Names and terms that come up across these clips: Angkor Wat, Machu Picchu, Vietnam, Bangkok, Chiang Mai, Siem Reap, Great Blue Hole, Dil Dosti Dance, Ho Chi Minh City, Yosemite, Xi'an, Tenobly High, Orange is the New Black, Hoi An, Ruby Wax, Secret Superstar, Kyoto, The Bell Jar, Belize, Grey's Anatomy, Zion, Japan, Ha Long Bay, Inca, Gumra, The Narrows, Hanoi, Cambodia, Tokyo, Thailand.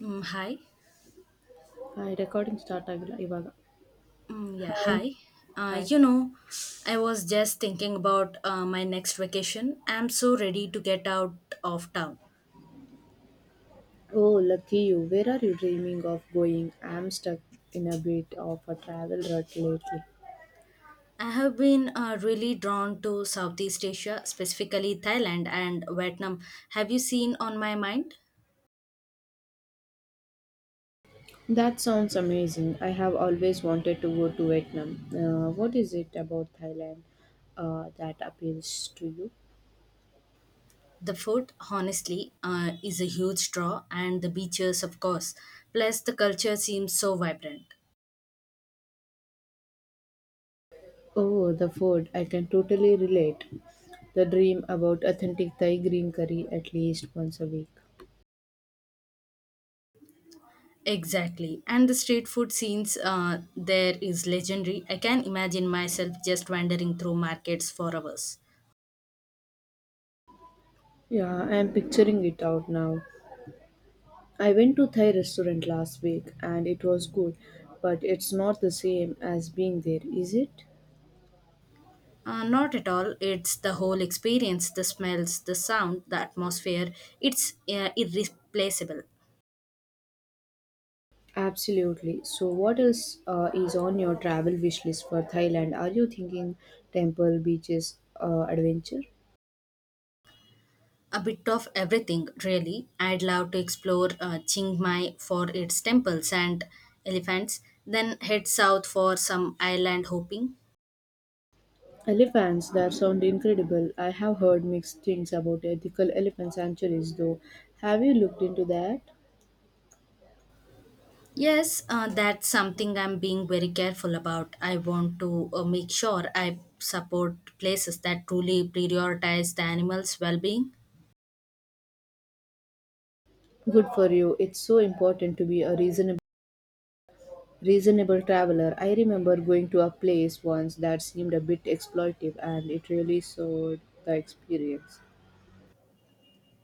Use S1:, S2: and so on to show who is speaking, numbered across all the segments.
S1: Mm, hi.
S2: Hi, recording start ಆಗಿಲ್ಲ ಇವಾಗ
S1: Mm, yeah,
S2: Hi.
S1: hi. Uh,
S2: Hi.
S1: you know, I was just thinking about my next vacation. I'm so ready to get out of town.
S2: Oh, lucky you. Where are you dreaming of going? I'm stuck in a bit of a travel rut lately.
S1: I have been really drawn to Southeast Asia, specifically Thailand and Vietnam. Have you seen on my mind?
S2: That sounds amazing. I have always wanted to go to Vietnam. What is it about Thailand that appeals to you?
S1: The food, honestly, is a huge draw, and the beaches, of course. Plus, the culture seems so vibrant.
S2: Oh, the food. I can totally relate. The dream about authentic Thai green curry at least once a week.
S1: Exactly. And the street food scenes there is legendary. I can imagine myself just wandering through markets for hours.
S2: Yeah, I am picturing it out now. I went to Thai restaurant last week and it was good, but it's not the same as being there, is it?
S1: Not at all. It's the whole experience, the smells, the sound, the atmosphere. It's irreplaceable.
S2: Absolutely. So, what else is on your travel wish list for Thailand? Are you thinking temple, beaches, adventure?
S1: A bit of everything, really. I'd love to explore Chiang Mai for its temples and elephants, then head south for some island hopping.
S2: Elephants that sound incredible. I have heard mixed things about ethical elephant sanctuaries, though. Have you looked into that?
S1: Yes, that's something I'm being very careful about. I want to make sure I support places that truly prioritize the animals' well-being.
S2: Good for you. It's so important to be a reasonable traveler. I remember going to a place once that seemed a bit exploitive and it really soured the experience.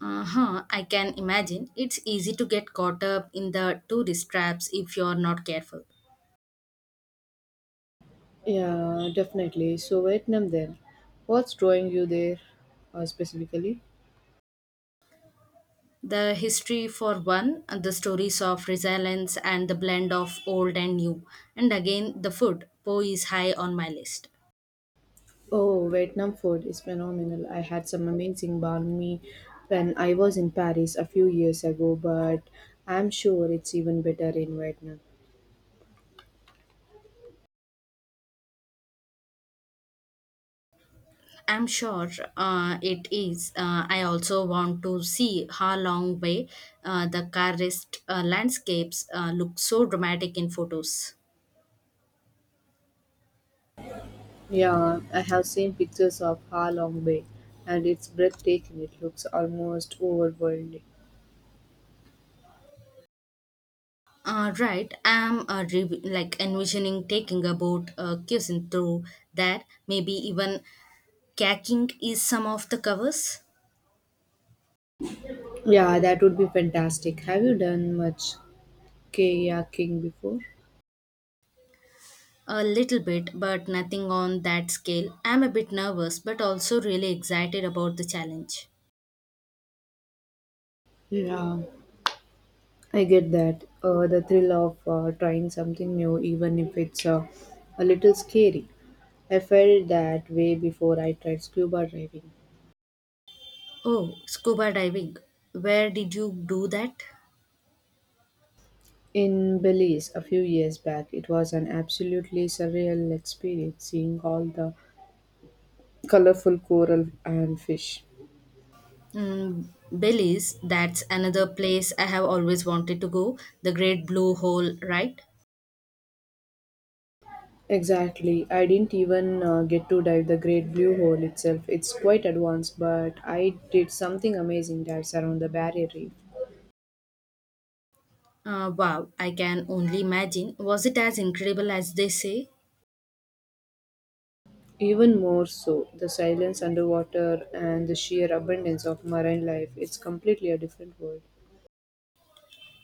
S1: Uh-huh, I can imagine. It's easy to get caught up in the tourist traps if you're not careful.
S2: Yeah, definitely. So, Vietnam then. What's drawing you there specifically?
S1: The history, for one, and the stories of resilience and the blend of old and new. And again, the food. Po is high on my list.
S2: Oh, Vietnam food is phenomenal. I had some amazing banh mi when I was in Paris a few years ago, but I'm sure it's even better in Vietnam.
S1: I'm sure it is. I also want to see how long way the karst landscapes look so dramatic in photos.
S2: Yeah, I have seen pictures of Ha Long Bay and it's breathtaking. It looks almost overwhelming.
S1: Right, I'm like envisioning taking a boat cruising through that. Maybe even kayaking is some of the covers.
S2: Yeah, that would be fantastic. Have you done much kayaking before?
S1: A little bit, but nothing on that scale. I'm a bit nervous, but also really excited about the challenge.
S2: Yeah, I get that. The thrill of trying something new, even if it's a little scary. I felt that way before I tried scuba diving.
S1: Oh, scuba diving. Where did you do that?
S2: In Belize a few years back, it was an absolutely surreal experience seeing all the colorful coral and fish.
S1: Mm, Belize, that's another place I have always wanted to go. The Great Blue Hole, right?
S2: Exactly. I didn't even get to dive the Great Blue Hole itself. It's quite advanced, but I did something amazing dives around the barrier reef.
S1: Wow, I can only imagine. Was it as incredible as they say?
S2: Even more so, the silence underwater and the sheer abundance of marine life, it's completely a different world.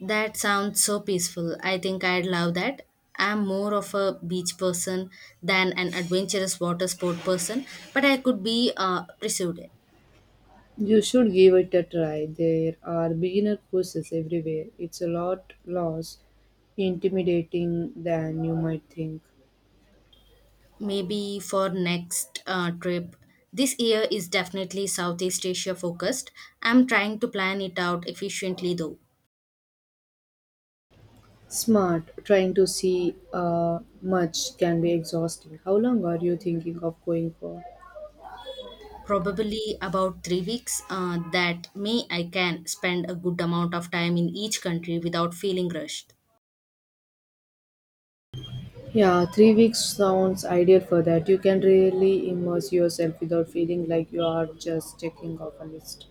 S1: That sounds so peaceful. I think I'd love that. I'm more of a beach person than an adventurous water sport person, but I could be persuaded.
S2: You should give it a try. There are beginner courses everywhere. It's a lot less intimidating than you might think.
S1: Maybe for next trip. This year is definitely Southeast Asia focused. I'm trying to plan it out efficiently though.
S2: Smart, trying to see much can be exhausting. How long are you thinking of going for?
S1: Probably about 3 weeks, that me I can spend a good amount of time in each country without feeling rushed.
S2: Yeah, 3 weeks sounds ideal for that. You can really immerse yourself without feeling like you are just checking off a list.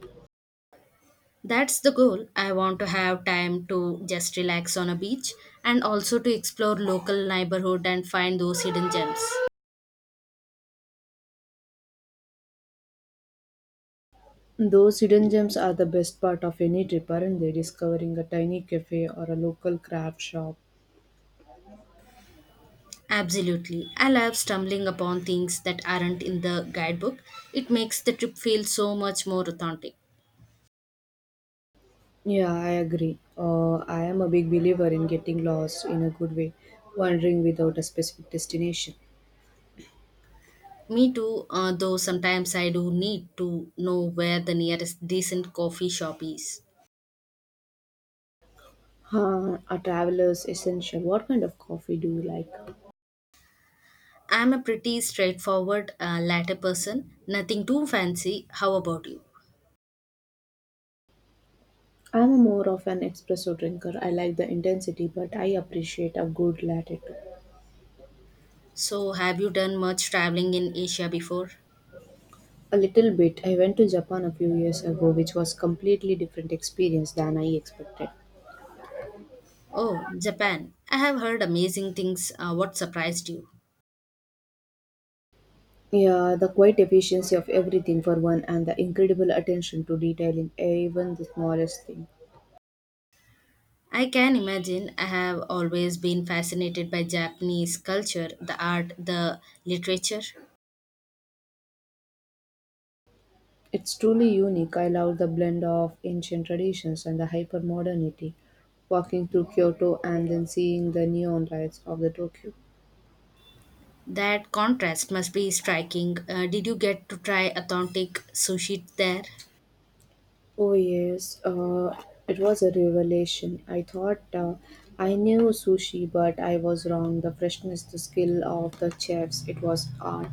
S1: That's the goal. I want to have time to just relax on a beach, and also to explore local neighborhood and find those hidden gems.
S2: Those hidden gems are the best part of any trip, aren't they? Discovering a tiny cafe or a local craft shop.
S1: Absolutely, I love stumbling upon things that aren't in the guidebook. It makes the trip feel so much more authentic.
S2: Yeah, I agree. I am a big believer in getting lost in a good way, wandering without a specific destination.
S1: Me too, though sometimes I do need to know where the nearest decent coffee shop is.
S2: Huh, a traveler's essential. What kind of coffee do you like?
S1: I'm a pretty straightforward latter person, nothing too fancy. How about you?
S2: I'm a more of an espresso drinker. I like the intensity, but I appreciate a good latte too.
S1: So, have you done much traveling in Asia before?
S2: A little bit. I went to Japan a few years ago, which was completely different experience than I expected.
S1: Oh, Japan. I have heard amazing things. What surprised you?
S2: Yeah, the quiet efficiency of everything for one, and the incredible attention to detail in even the smallest thing.
S1: I can imagine. I have always been fascinated by Japanese culture, the art, the literature.
S2: It's truly unique. I love the blend of ancient traditions and the hypermodernity. Walking through Kyoto and then seeing the neon lights of the Tokyo.
S1: That contrast must be striking. Did you get to try authentic sushi there?
S2: Oh, yes, it was a revelation. I thought I knew sushi, but I was wrong. The freshness, the skill of the chefs, it was art.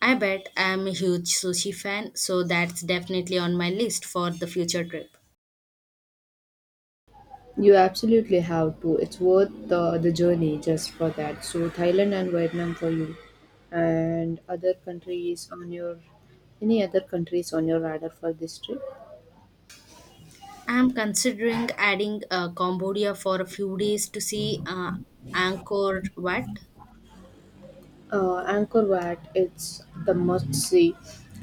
S1: I bet. I'm a huge sushi fan, so that's definitely on my list for the future trip.
S2: You absolutely have to. It's worth the journey just for that. So Thailand and Vietnam for you, and other countries on your any other countries on your radar for this trip?
S1: I'm considering adding Cambodia for a few days to see Angkor Wat.
S2: Angkor Wat, it's the must see.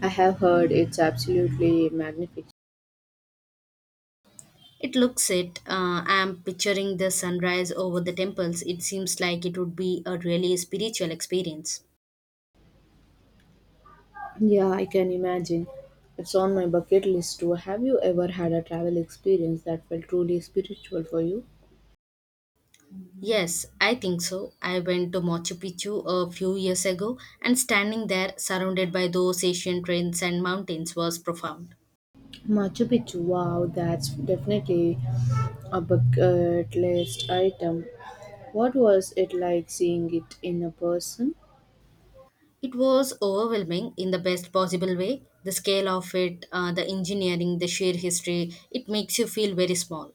S2: I have heard it's absolutely magnificent.
S1: It looks it. I'm picturing the sunrise over the temples. It seems like it would be a really spiritual experience.
S2: Yeah, I can imagine. It's on my bucket list too. Have you ever had a travel experience that felt truly spiritual for you?
S1: Yes, I think so. I went to Machu Picchu a few years ago, and standing there, surrounded by those Asian trains and mountains, was profound.
S2: Machu Picchu, wow, that's definitely a bucket list item. What was it like seeing it in a person?
S1: It was overwhelming in the best possible way. The scale of it, the engineering, the sheer history, it makes you feel very small.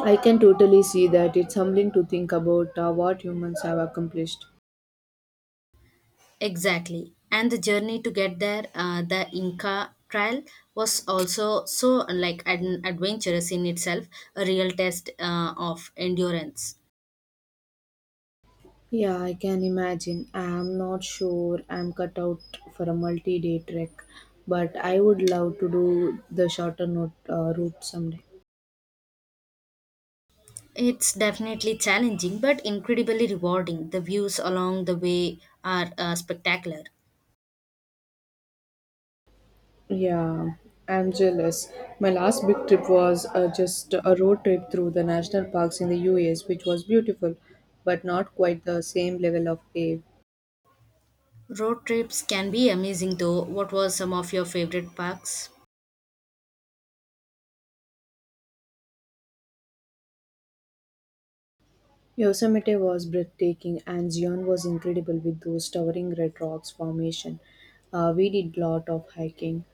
S2: I can totally see that it's humbling to think about what humans have accomplished.
S1: Exactly. And the journey to get there, the Inca trial was also so like an adventurous in itself, a real test of endurance.
S2: Yeah, I can imagine. I'm not sure I'm cut out for a multi day trek, but I would love to do the shorter route someday.
S1: It's definitely challenging but incredibly rewarding. The views along the way are spectacular.
S2: Yeah, I'm jealous. My last big trip was just a road trip through the national parks in the US, which was beautiful, but not quite the same level of awe.
S1: Road trips can be amazing though. What were some of your favorite parks?
S2: Yosemite was breathtaking, and Zion was incredible with those towering red rocks formation. We did lot of hiking.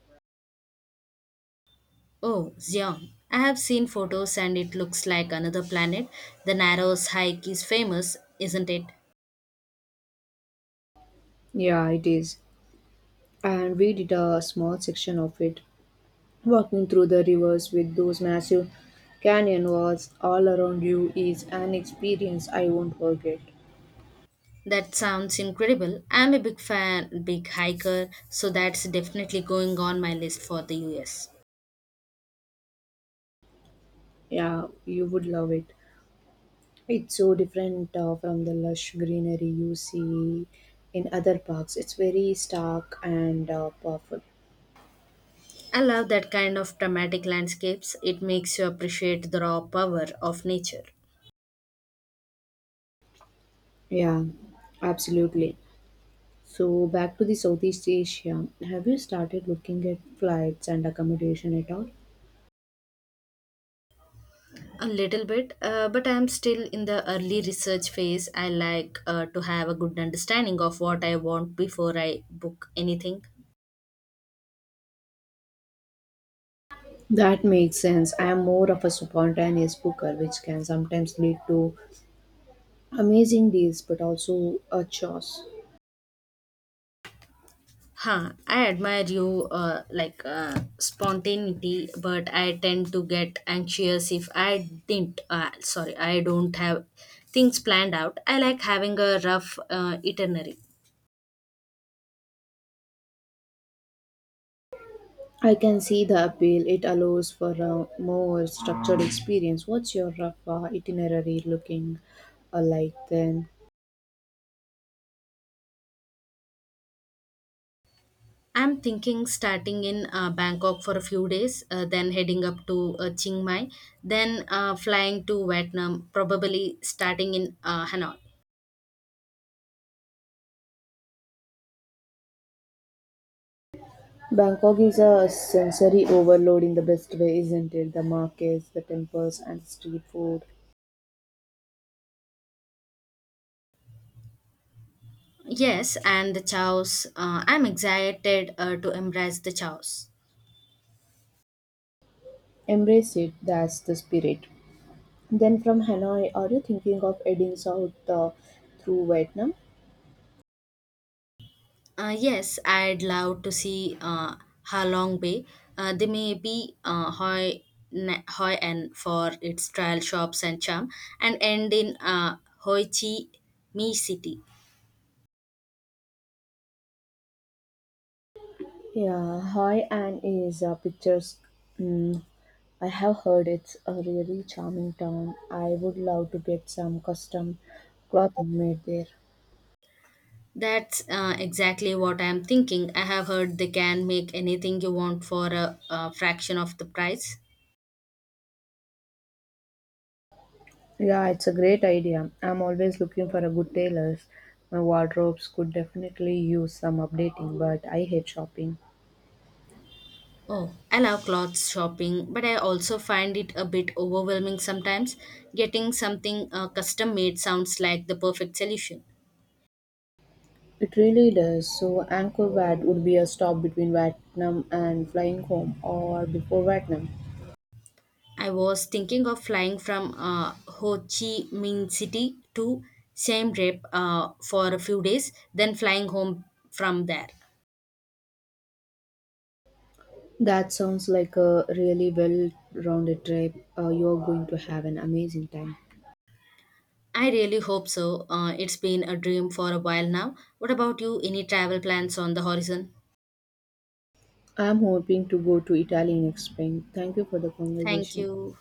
S1: Oh, Xi'an. I have seen photos and it looks like another planet. The Narrows hike is famous, isn't it?
S2: Yeah, it is. And we did a small section of it, walking through the rivers with those massive canyon walls all around you is an experience I won't forget.
S1: That sounds incredible. I'm a big hiker, so that's definitely going on my list for the US.
S2: Yeah, you would love it. It's so different from the lush greenery you see in other parks. It's very stark and powerful.
S1: I love that kind of dramatic landscapes. It makes you appreciate the raw power of nature.
S2: Yeah, absolutely. So, back to the Southeast Asia. Have you started looking at flights and accommodation at all?
S1: A little bit, but I'm still in the early research phase. I like to have a good understanding of what I want before I book anything.
S2: That makes sense. I am more of a spontaneous booker, which can sometimes lead to amazing deals but also a chores.
S1: Huh, I admire you like spontaneity, but I tend to get anxious if I didn't. Sorry, I don't have things planned out. I like having a rough itinerary.
S2: I can see the appeal. It allows for a more structured experience. What's your rough itinerary looking like then?
S1: I'm thinking starting in Bangkok for a few days, then heading up to Chiang Mai, then flying to Vietnam, probably starting in Hanoi.
S2: Bangkok is a sensory overload in the best way, isn't it? The markets, the temples, and street food.
S1: Yes, and the chows. I'm excited to embrace the chows.
S2: Embrace it, that's the spirit. Then from Hanoi, are you thinking of heading south through Vietnam?
S1: Yes, I'd love to see Ha Long Bay. They may be Hoi An for its trial shops and charm, and end in Hoi Chi Mi City.
S2: Yeah, Hoi An is a picturesque. Mm, I have heard it's a really charming town. I would love to get some custom clothing made there.
S1: That's exactly what I'm thinking. I have heard they can make anything you want for a fraction of the price.
S2: Yeah, it's a great idea. I'm always looking for a good tailor's. My wardrobes could definitely use some updating, but I hate shopping.
S1: Oh, I love clothes shopping, but I also find it a bit overwhelming sometimes. Getting something custom made sounds like the perfect solution.
S2: It really does. So Angkor Wat would be a stop between Vietnam and flying home or before Vietnam.
S1: I was thinking of flying from Ho Chi Minh City to Siem Reap for a few days, then flying home from there.
S2: That sounds like a really well rounded trip. You're going to have an amazing time.
S1: I really hope so. It's been a dream for a while now. What about you? Any travel plans on the horizon?
S2: I'm hoping to go to Italy next spring. Thank you for the
S1: Thank
S2: conversation.
S1: you.